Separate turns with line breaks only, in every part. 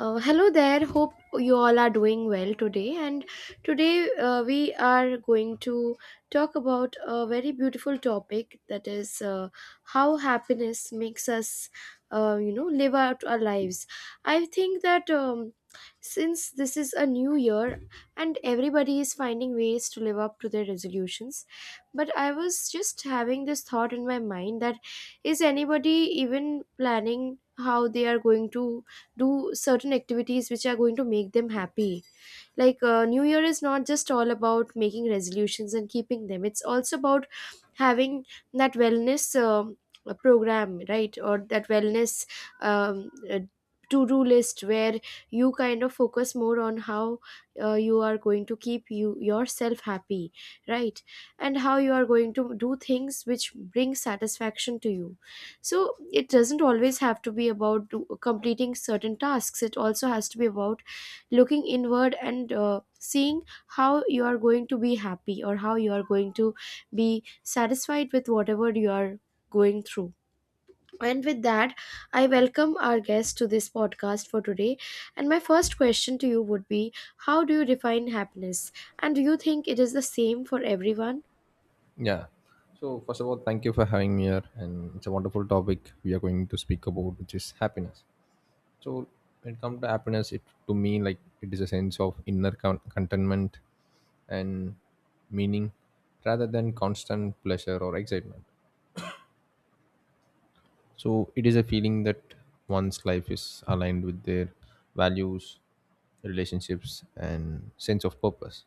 Hello there. Hope you all are doing well today. And today we are going to talk about a very beautiful topic, that is how happiness makes us, you know, live out our lives. I think that since this is a new year and everybody is finding ways to live up to their resolutions, but I was just having this thought in my mind that is anybody even planning how they are going to do certain activities which are going to make them happy. Like new year is not just all about making resolutions and keeping them, it's also about having that wellness program, right? Or that wellness um, uh, to-do list where you kind of focus more on how you are going to keep you yourself happy, right? And how you are going to do things which bring satisfaction to you. So it doesn't always have to be about completing certain tasks, it also has to be about looking inward and seeing how you are going to be happy or how you are going to be satisfied with whatever you are going through. And with that, I welcome our guest to this podcast for today, and my first question to you would be, how do you define happiness, and do you think it is the same for everyone?
Yeah. So first of all, thank you for having me here, and it's a wonderful topic we are going to speak about, which is happiness. So when it comes to happiness, it to me like it is a sense of inner contentment and meaning, rather than constant pleasure or excitement. So it is a feeling that one's life is aligned with their values, relationships, and sense of purpose.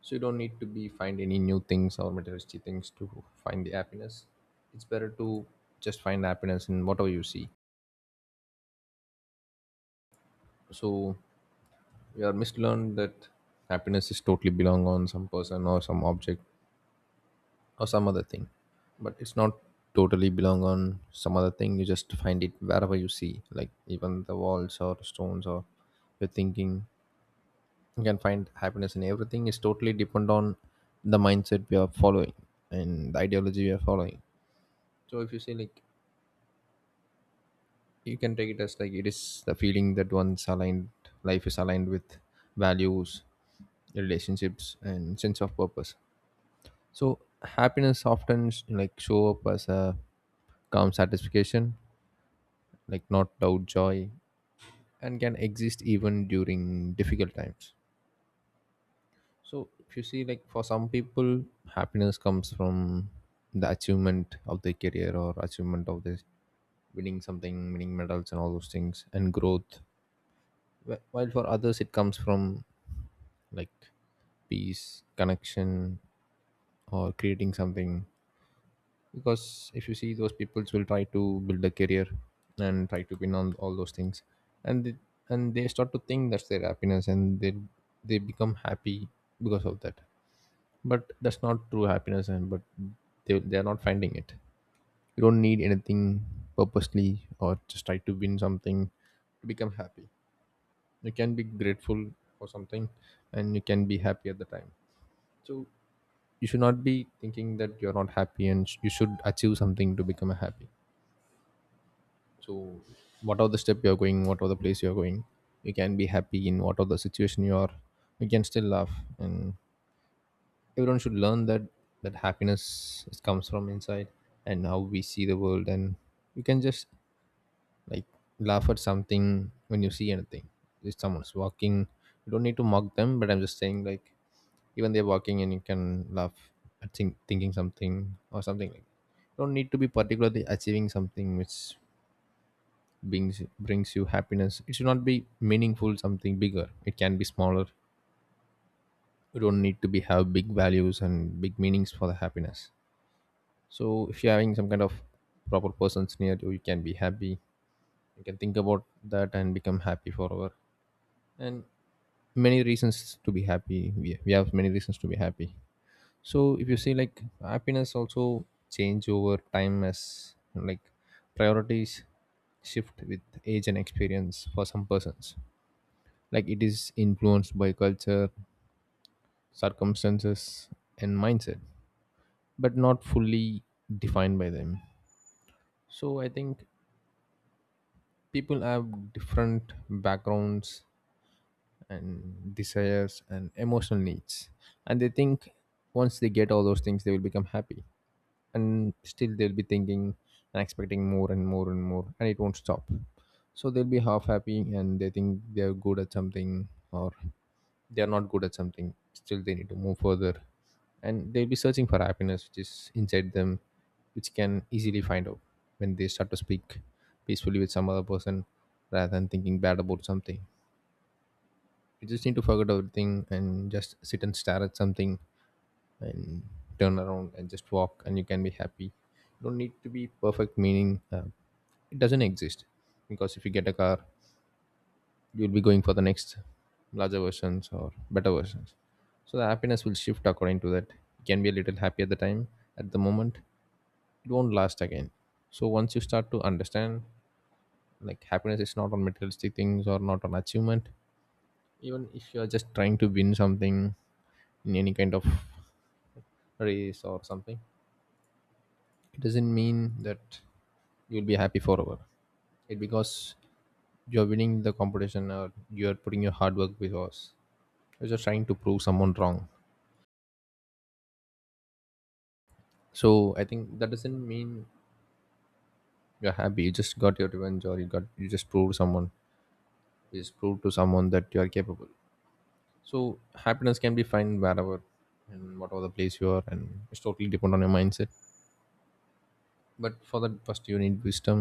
So you don't need to be find any new things or materialistic things to find the happiness. It's better to just find happiness in whatever you see. So we are mislearned that happiness is totally belong on some person or some object or some other thing, but it's not totally belong on some other thing. You just find it wherever you see, like even the walls or stones or your thinking. You can find happiness in everything, is totally depend on the mindset we are following and the ideology we are following. So if you say like you can take it as like it is the feeling that one's aligned life is aligned with values, relationships and sense of purpose. So happiness often like show up as a calm satisfaction, like not doubt joy, and can exist even during difficult times. So if you see like for some people, happiness comes from the achievement of their career or achievement of this, winning something, winning medals and all those things, and growth. While for others it comes from like peace connection or creating something, because if you see those people will try to build a career and try to win on all those things, and they, and they start to think that's their happiness, and they become happy because of that. But that's not true happiness, and but they are not finding it. You don't need anything purposely or just try to win something to become happy. You can be grateful for something and you can be happy at the time. So you should not be thinking that you're not happy and you should achieve something to become happy. So whatever the step you're going, whatever the place you're going, you can be happy in whatever the situation you are. You can still laugh, and everyone should learn that that happiness is- comes from inside and how we see the world. And you can just like laugh at something when you see anything. If someone's walking, you don't need to mock them, but I'm just saying like even they're walking and you can laugh at thinking something or something. Like you don't need to be particularly achieving something which brings you happiness. It should not be meaningful something bigger, it can be smaller. You don't need to be have big values and big meanings for the happiness. So if you're having some kind of proper persons near you, you can be happy. You can think about that and become happy forever. And many reasons to be happy, we have many reasons to be happy. So if you see like happiness also change over time as like priorities shift with age and experience. For some persons, like it is influenced by culture, circumstances, and mindset, but not fully defined by them. So I think people have different backgrounds and desires and emotional needs, and they think once they get all those things they will become happy. And still they'll be thinking and expecting more and more and more, and it won't stop. So they'll be half happy and they think they're good at something or they're not good at something, still they need to move further. And they'll be searching for happiness which is inside them, which can easily find out when they start to speak peacefully with some other person rather than thinking bad about something. You just need to forget everything and just sit and stare at something, and turn around and just walk, and you can be happy. You don't need to be perfect meaning, it doesn't exist. Because if you get a car, you'll be going for the next larger versions or better versions. So the happiness will shift according to that. You can be a little happy at the time, at the moment, it won't last again. So once you start to understand like happiness is not on materialistic things or not on achievement. Even if you are just trying to win something in any kind of race or something, it doesn't mean that you'll be happy forever. It because you're winning the competition or you're putting your hard work, because you're just trying to prove someone wrong. So I think that doesn't mean you're happy. You just got your revenge, or you got, you just proved someone, you just proved to someone that you are capable. So happiness can be found wherever and whatever the place you are, and it's totally depend on your mindset. But for that, first you need wisdom.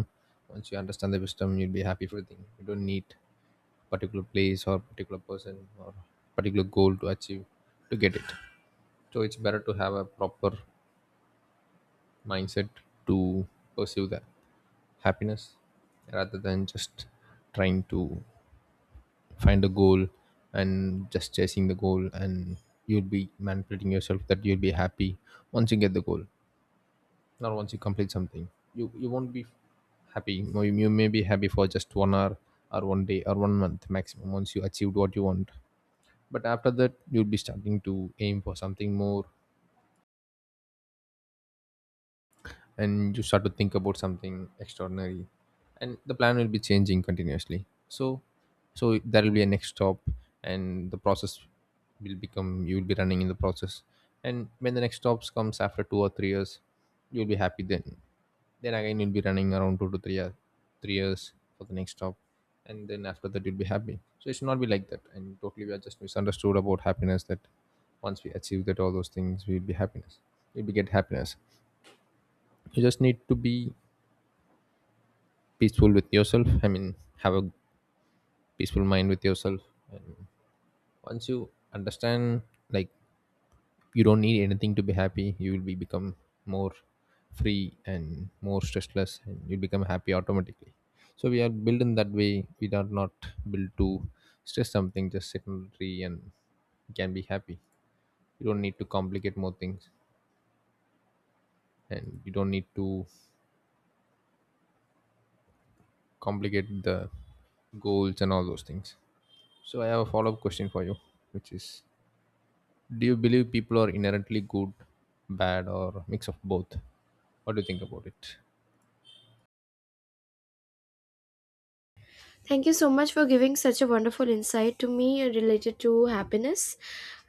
Once you understand the wisdom, you'll be happy for everything. You don't need particular place or particular person or particular goal to achieve to get it. So it's better to have a proper mindset to pursue that happiness rather than just trying to find a goal and just chasing the goal. And you'll be manipulating yourself that you'll be happy once you get the goal. Not once you complete something, you won't be happy. You may be happy for just 1 hour or 1 day or 1 month maximum once you achieved what you want. But after that you'll be starting to aim for something more, and you start to think about something extraordinary, and the plan will be changing continuously. So so there will be a next stop, and the process will become, you will be running in the process. And when the next stops comes after 2 or 3 years, you'll be happy then. Then again, you'll be running around 2 to 3 years, 3 years for the next job, and then after that you'll be happy. So it should not be like that. And totally, we are just misunderstood about happiness. That once we achieve that all those things, we'll be happiness. We will be get happiness. You just need to be peaceful with yourself. I mean, have a peaceful mind with yourself. And once you understand, like you don't need anything to be happy, you will be become more free and more stressless, and you become happy automatically. So we are built in that way. We are not built to stress something. Just sit on a tree and can be happy. You don't need to complicate more things, and you don't need to complicate the goals and all those things. So I have a follow-up question for you, which is, do you believe people are inherently good, bad, or mix of both? What do you think about it?
Thank you so much for giving such a wonderful insight to me related to happiness.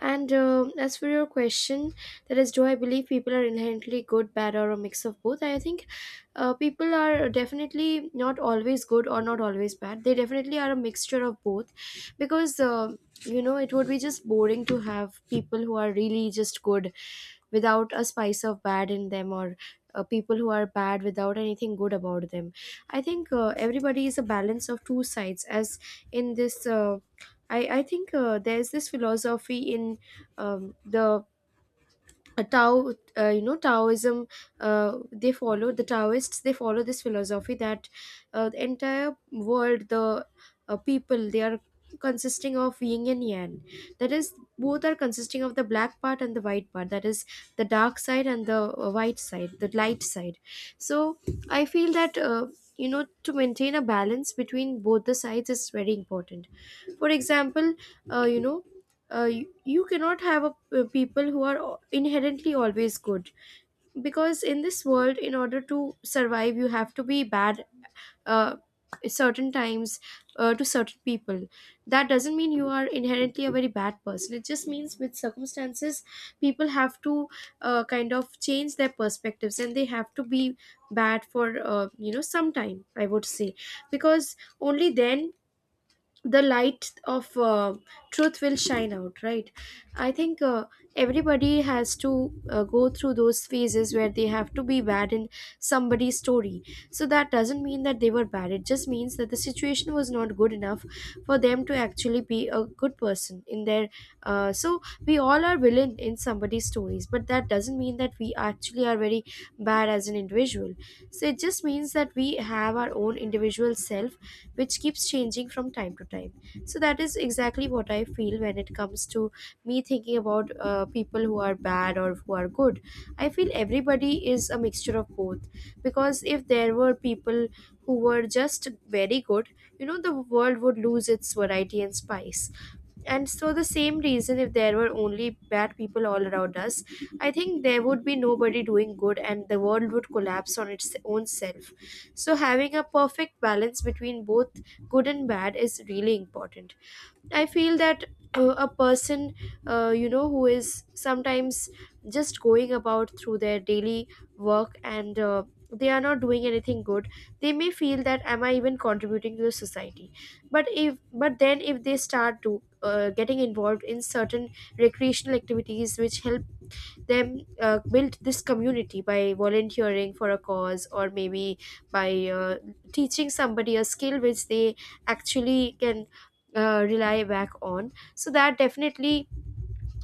And as for your question, that is, do I believe people are inherently good, bad, or a mix of both? I think people are definitely not always good or not always bad. They definitely are a mixture of both because, you know, it would be just boring to have people who are really just good without a spice of bad in them, or people who are bad without anything good about them. I think everybody is a balance of two sides, as in this. I think there's this philosophy in the a Tao, you know, Taoism, they follow the Taoists. They follow this philosophy that the entire world, the people, they are consisting of yin and yang. That is, both are consisting of the black part and the white part. That is, the dark side and the white side, the light side. So I feel that. You know, to maintain a balance between both the sides is very important. For example, you know, you cannot have a, people who are inherently always good, because in this world, in order to survive you have to be bad uh, certain times to certain people. That doesn't mean you are inherently a very bad person, it just means with circumstances people have to kind of change their perspectives and they have to be bad for you know, some time, I would say, because only then the light of truth will shine out, right? I think everybody has to go through those phases where they have to be bad in somebody's story. So that doesn't mean that they were bad, it just means that the situation was not good enough for them to actually be a good person in their so we all are villain in somebody's stories, but that doesn't mean that we actually are very bad as an individual. So it just means that we have our own individual self which keeps changing from time to time. So that is exactly what I feel when it comes to me thinking about people who are bad or who are good. I feel everybody is a mixture of both, because if there were people who were just very good, you know, the world would lose its variety and spice. And so the same reason, if there were only bad people all around us, I think there would be nobody doing good and the world would collapse on its own self. So, having a perfect balance between both good and bad is really important. I feel that a person, you know, who is sometimes just going about through their daily work, and they are not doing anything good, they may feel that am I even contributing to the society. But if but then if they start to getting involved in certain recreational activities which help them built this community by volunteering for a cause, or maybe by teaching somebody a skill which they actually can rely back on, so that definitely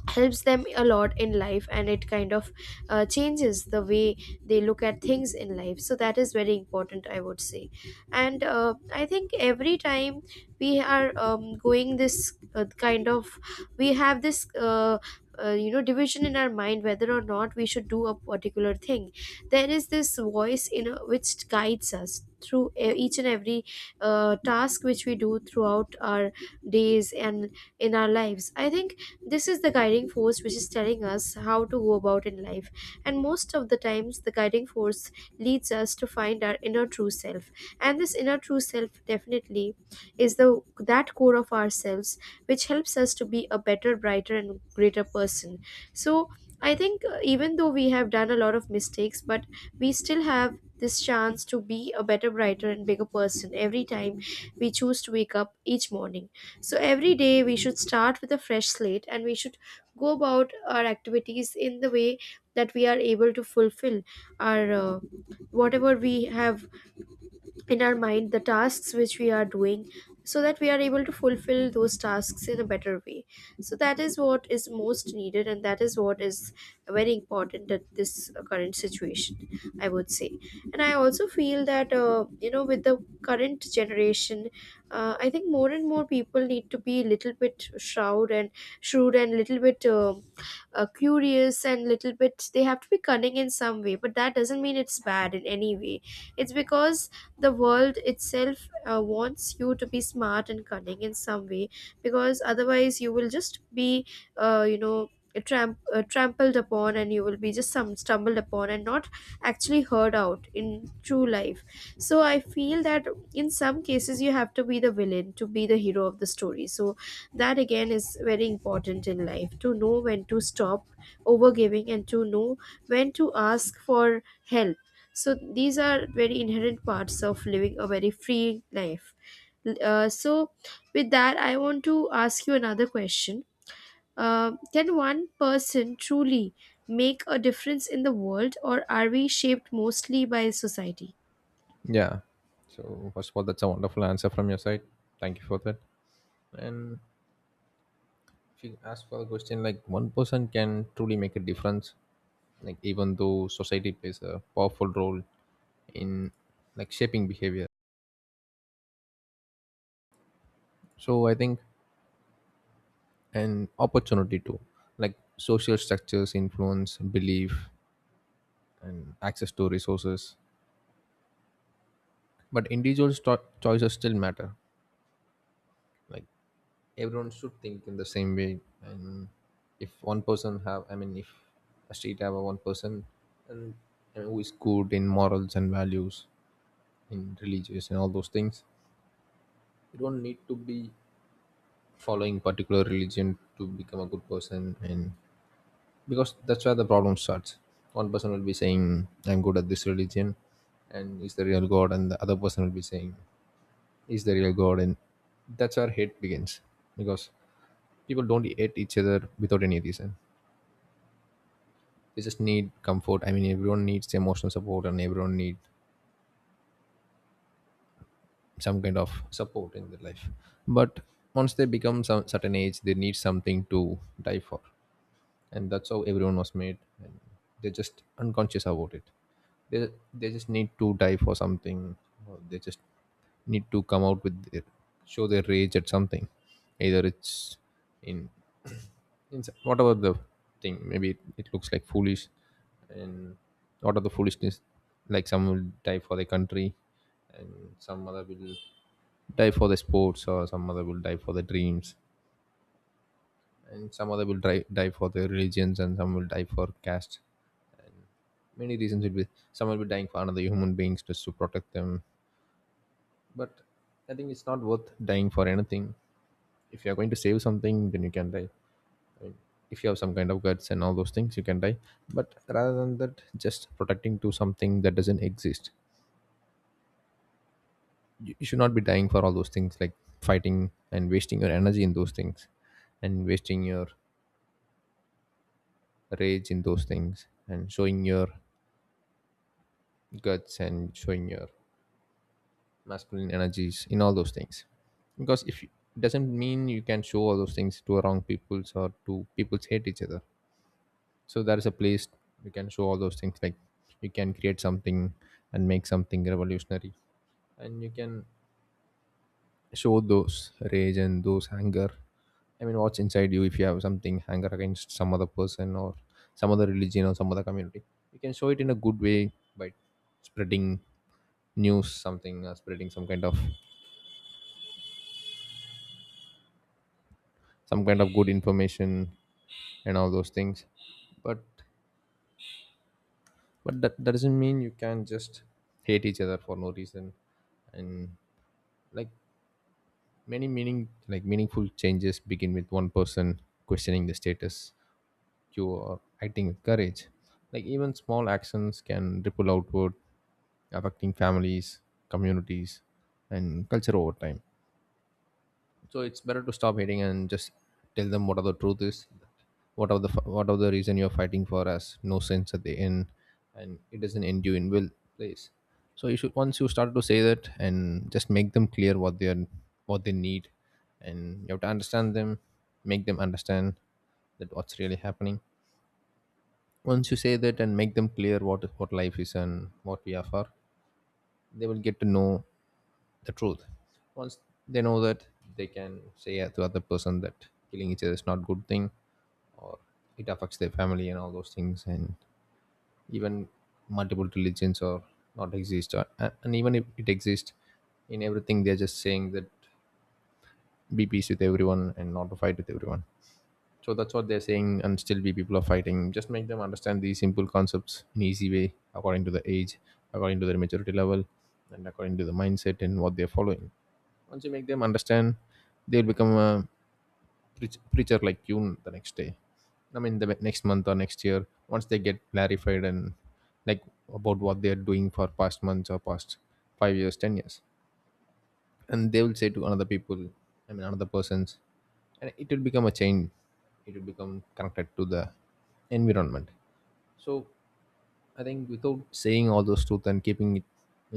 helps them a lot in life and it kind of changes the way they look at things in life. So that is very important, I would say. And I think every time we are going this kind of, we have this you know, division in our mind whether or not we should do a particular thing, there is this voice in a, which guides us through each and every task which we do throughout our days and in our lives. I think this is the guiding force which is telling us how to go about in life. And most of the times, the guiding force leads us to find our inner true self. And this inner true self definitely is the that core of ourselves which helps us to be a better, brighter, and greater person. So I think even though we have done a lot of mistakes, but we still have this chance to be a better, brighter, and bigger person every time we choose to wake up each morning. So every day we should start with a fresh slate and we should go about our activities in the way that we are able to fulfill our whatever we have in our mind, the tasks which we are doing, so that we are able to fulfill those tasks in a better way. So that is what is most needed, and that is what is very important at this current situation, I would say. And I also feel that you know, with the current generation, I think more and more people need to be a little bit shrewd and little bit curious, and little bit they have to be cunning in some way, but that doesn't mean it's bad in any way. It's because the world itself wants you to be smart and cunning in some way, because otherwise you will just be you know, trampled upon, and you will be just some stumbled upon and not actually heard out in true life. So I feel that in some cases you have to be the villain to be the hero of the story. So that again is very important in life, to know when to stop overgiving and to know when to ask for help. So these are very inherent parts of living a very free life. So with that I want to ask you another question: can one person truly make a difference in the world, or are we shaped mostly by society?
Yeah. So first of all, that's a wonderful answer from your side. Thank you for that. And if you ask for the question, like one person can truly make a difference, like even though society plays a powerful role in like shaping behavior. So I think an opportunity too, like social structures influence belief and access to resources. But individual choices still matter. Like everyone should think in the same way. And if one person have, I mean, if a state have a one person, and I mean, who is good in morals and values, in religious and all those things. You don't need to be following particular religion to become a good person. And because that's where the problem starts. One person will be saying I'm good at this religion and is the real god, and the other person will be saying is the real god. And that's where hate begins. Because people don't hate each other without any reason, they just need comfort. I mean, everyone needs emotional support and everyone needs some kind of support in their life. But once they become some certain age, they need something to die for. And that's how everyone was made. And they're just unconscious about it. They just need to die for something, or they just need to come out with show their rage at something. Either it's in, it's whatever the thing, maybe it looks like foolish. And what are the foolishness? Like some will die for their country, and some other will die for the sports, or some other will die for their dreams, and some other will die for their religions, and some will die for caste. Many reasons will be, some will be dying for another human beings just to protect them. But I think it's not worth dying for anything. If you are going to save something, then you can die. If you have some kind of guts and all those things, you can die. But rather than that, just protecting to something that doesn't exist, you should not be dying for all those things, like fighting and wasting your energy in those things, and wasting your rage in those things, and showing your guts and showing your masculine energies in all those things. Because if it doesn't mean you can show all those things to wrong peoples or to people's hate each other. So there is a place you can show all those things, like you can create something and make something revolutionary, and you can show those rage and those anger. I mean, what's inside you, if you have something anger against some other person or some other religion or some other community, you can show it in a good way by spreading news, something spreading some kind of, some kind of good information and all those things. but but that doesn't mean you can just hate each other for no reason. And like Many meaning like meaningful changes begin with one person questioning the status quo or acting with courage. Like, even small actions can ripple outward, affecting families, communities, and culture over time. So it's better to stop hating and just tell them what are the truth is, what are the, what are the reason you're fighting for has no sense at the end, and it doesn't end you in will place. So you should, once you start to say that and just make them clear what they are, what they need, and you have to understand them, make them understand that what's really happening. Once you say that and make them clear what life is and what we are for, they will get to know the truth. Once they know that, they can say, yeah, to other person that killing each other is not good thing, or it affects their family and all those things, and even multiple religions or not exist or, and even if it exists in everything, they're just saying that be peace with everyone and not to fight with everyone. So that's what they're saying, and still be people are fighting. Just make them understand these simple concepts in easy way, according to the age, according to their maturity level, and according to the mindset and what they're following. Once you make them understand, they'll become a preacher like you the next day. I mean the next month or next year. Once they get clarified and, like, about what they're doing for past months or past 5 years, 10 years, and they will say to another people, I mean another persons, and it will become a chain. It will become connected to the environment. So I think without saying all those truth and keeping it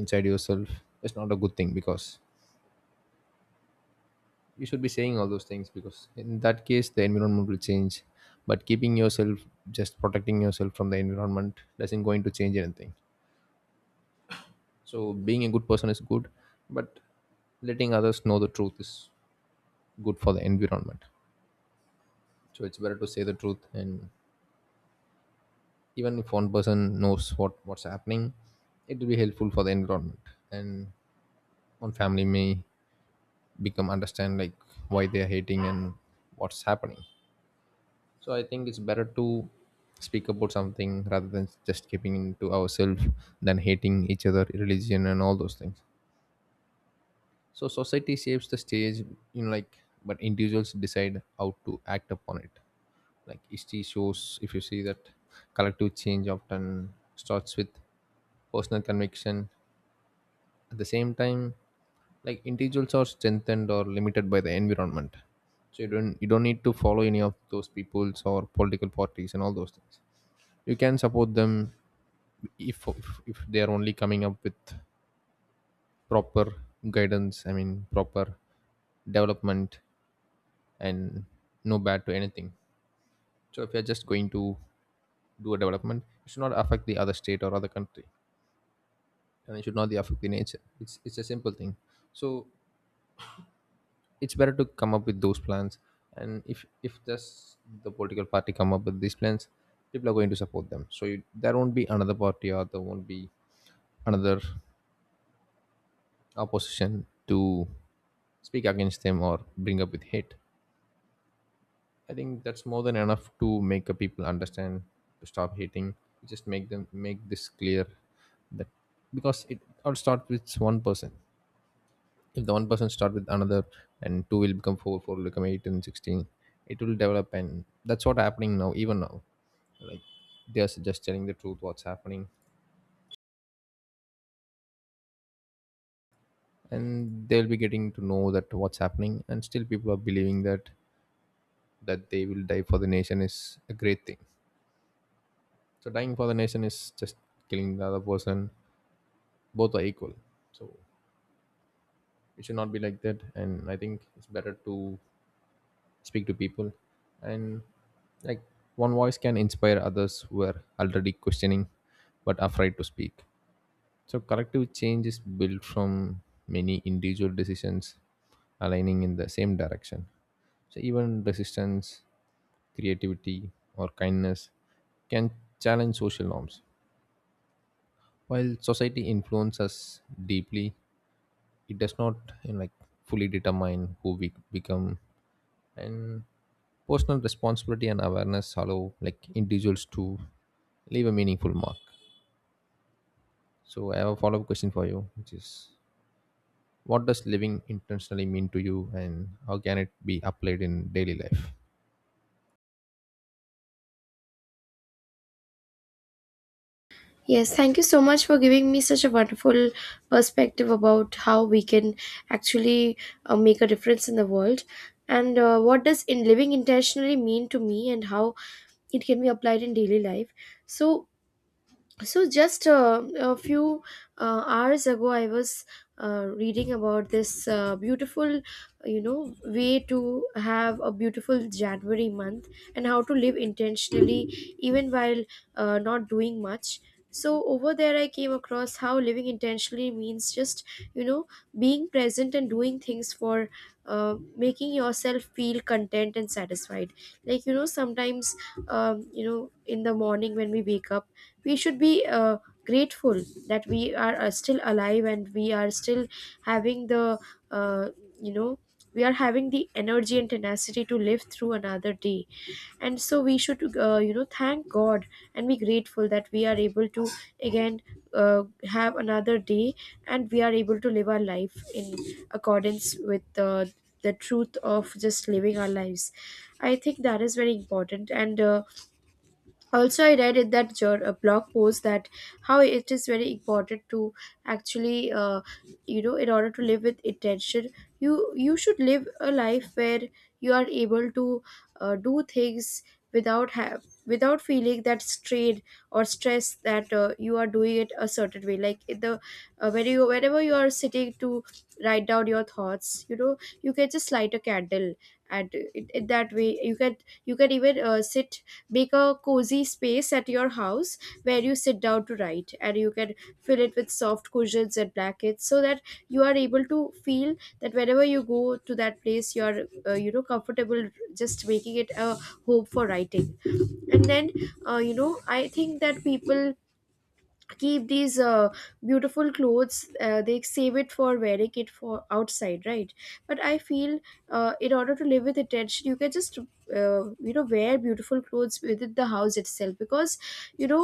inside yourself is not a good thing, because you should be saying all those things, because in that case the environment will change. But keeping yourself, just protecting yourself from the environment doesn't going to change anything. So being a good person is good, but letting others know the truth is good for the environment. So it's better to say the truth, and even if one person knows what's happening, it will be helpful for the environment, and one family may become understand, like, why they are hating and what's happening. So I think it's better to speak about something rather than just keeping into ourselves, than hating each other, religion and all those things. So society shapes the stage, you know, like, but individuals decide how to act upon it. Like, history shows, if you see that, collective change often starts with personal conviction. At the same time, like, individuals are strengthened or limited by the environment. So you don't need to follow any of those peoples or political parties and all those things. You can support them if they are only coming up with proper guidance I mean proper development and no bad to anything. So if you're just going to do a development, it should not affect the other state or other country, and it should not affect the nature. It's a simple thing. So it's better to come up with those plans, and if just the political party come up with these plans, people are going to support them. So there won't be another party, or there won't be another opposition to speak against them or bring up with hate. I think that's more than enough to make a people understand to stop hating. Just make them, make this clear, that because it all starts with one person. If the one person start with another, and two will become four, four will become eight and 16. It will develop, and that's what happening now, even now. Like, they're just telling the truth, what's happening, and they'll be getting to know that what's happening, and still people are believing that that they will die for the nation is a great thing. So dying for the nation is just killing the other person. Both are equal. So it should not be like that. And I think it's better to speak to people. And, like, one voice can inspire others who are already questioning but afraid to speak. So collective change is built from many individual decisions aligning in the same direction. So even resistance, creativity, or kindness can challenge social norms. While society influences us deeply, it does not, you know, like, fully determine who we become, and personal responsibility and awareness allow, like, individuals to leave a meaningful mark. So I have a follow-up question for you, which is, what does living intentionally mean to you, and how can it be applied in daily life?
Yes, thank you so much for giving me such a wonderful perspective about how we can actually make a difference in the world. And what does in living intentionally mean to me and how it can be applied in daily life. So so just a few hours ago I was reading about this beautiful way to have a beautiful January month and how to live intentionally even while not doing much. So over there I came across how living intentionally means just, you know being present and doing things for, making yourself feel content and satisfied. Like, sometimes in the morning when we wake up we should be grateful that we are still alive and we are still having the uh, you know we are having the energy and tenacity to live through another day. And so we should, thank God and be grateful that we are able to again uh, have another day, and we are able to live our life in accordance with the truth of just living our lives. I think that is very important. And also I read in a blog post that how it is very important to actually you know, in order to live with intention, you should live a life where you are able to do things without feeling that strain or stress, that you are doing it a certain way. Like in the when you, whenever you are sitting to write down your thoughts, you know, you can just light a candle, and in that way you can, you can even sit, make a cozy space at your house where you sit down to write, and you can fill it with soft cushions and blankets so that you are able to feel that whenever you go to that place you are you know, comfortable, just making it a home for writing. And then, you know, I think that people keep these beautiful clothes, they save it for wearing it for outside, right? But I feel, in order to live with attention, you can just, you know, wear beautiful clothes within the house itself because, you know,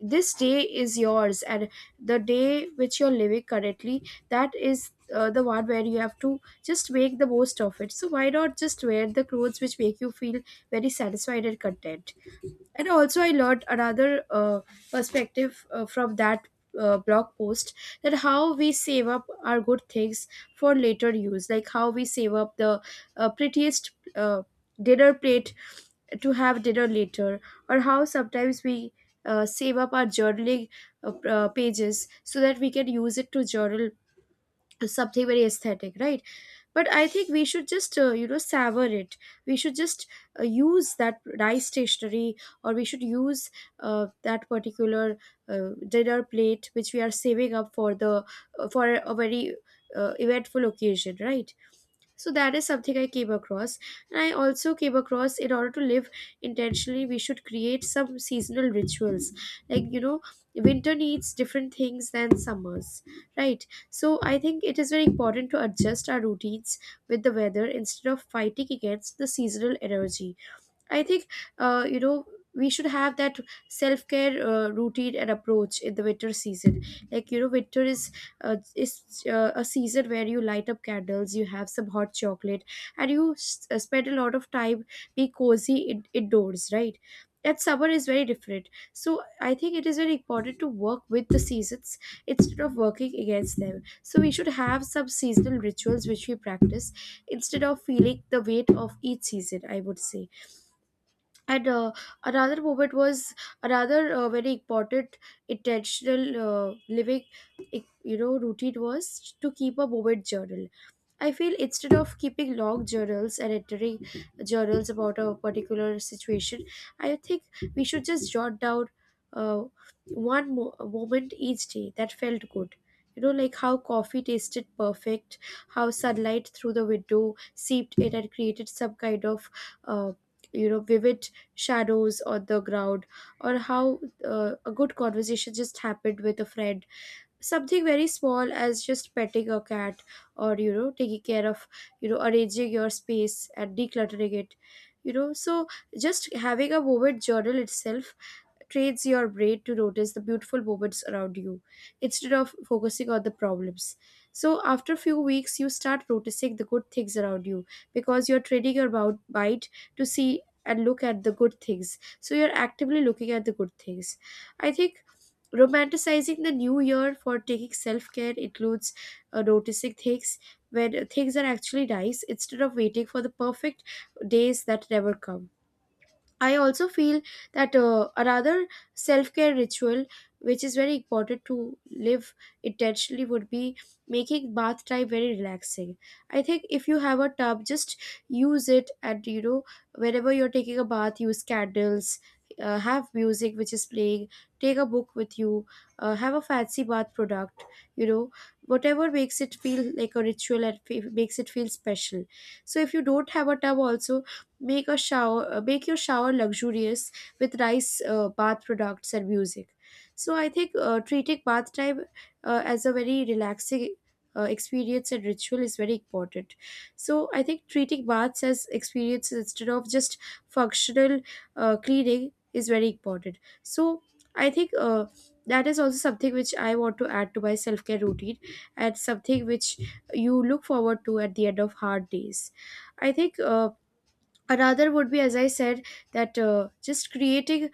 this day is yours, and the day which you're living currently, that is the one where you have to just make the most of it. So why not just wear the clothes which make you feel very satisfied and content? And also I learned another uh, perspective from that blog post, that how we save up our good things for later use. Like how we save up the prettiest dinner plate to have dinner later, or how sometimes we save up our journaling pages so that we can use it to journal something very aesthetic, right? But I think we should just, you know, savor it. We should just use that rice stationery, or we should use that particular dinner plate which we are saving up for the, for a very eventful occasion, right? So that is something I came across. And I also came across, in order to live intentionally, we should create some seasonal rituals. Like, you know, winter needs different things than summers, right? So I think it is very important to adjust our routines with the weather instead of fighting against the seasonal energy. I think, you know, we should have that self care routine and approach in the winter season. Like, you know, winter is a season where you light up candles, you have some hot chocolate, and you spend a lot of time be cozy indoors, right? And summer is very different. So I think it is very important to work with the seasons instead of working against them. So we should have some seasonal rituals which we practice instead of feeling the weight of each season, I would say. And another moment was, another very important intentional living, you know, routine was to keep a moment journal. I feel instead of keeping log journals and entering journals about a particular situation, I think we should just jot down uh, one moment each day that felt good. You know, like how coffee tasted perfect, how sunlight through the window seeped in and created some kind of, uh, you know, vivid shadows on the ground, or how a good conversation just happened with a friend, something very small as just petting a cat, or, you know, taking care of, you know, arranging your space and decluttering it, you know. So just having a moment journal itself trains your brain to notice the beautiful moments around you instead of focusing on the problems. So after a few weeks, you start noticing the good things around you because you're training your mind to see and look at the good things. So you're actively looking at the good things. I think romanticizing the new year for taking self-care includes noticing things when things are actually nice instead of waiting for the perfect days that never come. I also feel that a rather self care ritual, which is very important to live intentionally, would be making bath time very relaxing. I think if you have a tub, just use it, and, you know, whenever you're taking a bath, use candles. Have music which is playing, take a book with you, have a fancy bath product, you know, whatever makes it feel like a ritual and makes it feel special. So if you don't have a tub also, make a shower, make your shower luxurious with rice, bath products, and music. So I think treating bath time as a very relaxing experience and ritual is very important. So I think treating baths as experiences instead of just functional cleaning is very important. So I think, that is also something which I want to add to my self care routine, and something which you look forward to at the end of hard days, I think. Another would be, as I said, that just creating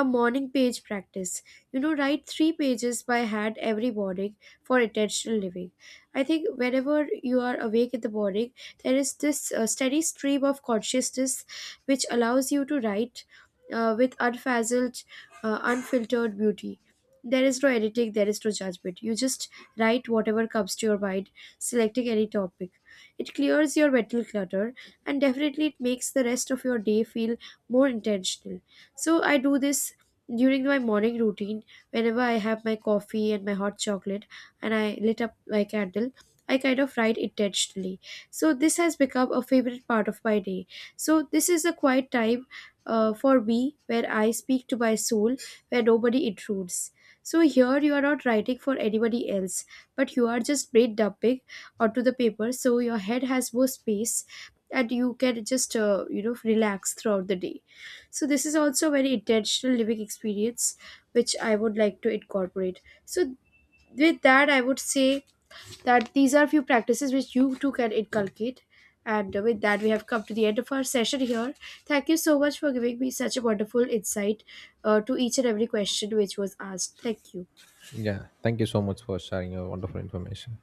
a morning page practice. You know, write 3 pages by hand every morning for intentional living. I think whenever you are awake in the morning, there is this steady stream of consciousness which allows you to write with unfazzled, unfiltered beauty. There is no editing, there is no judgment, you just write whatever comes to your mind, selecting any topic. It clears your mental clutter, and definitely it makes the rest of your day feel more intentional. So I do this during my morning routine. Whenever I have my coffee and my hot chocolate, and I lit up my candle, I kind of write intentionally. So this has become a favorite part of my day. So this is a quiet time for me, where I speak to my soul, where nobody intrudes. So here you are not writing for anybody else, but you are just brain dumping onto the paper so your head has more space and you can just, you know, relax throughout the day. So this is also a very intentional living experience, which I would like to incorporate. So with that, I would say that these are few practices which you too can inculcate. And with that, we have come to the end of our session here. Thank you so much for giving me such a wonderful insight to each and every question which was asked. Thank you.
Yeah, thank you so much for sharing your wonderful information.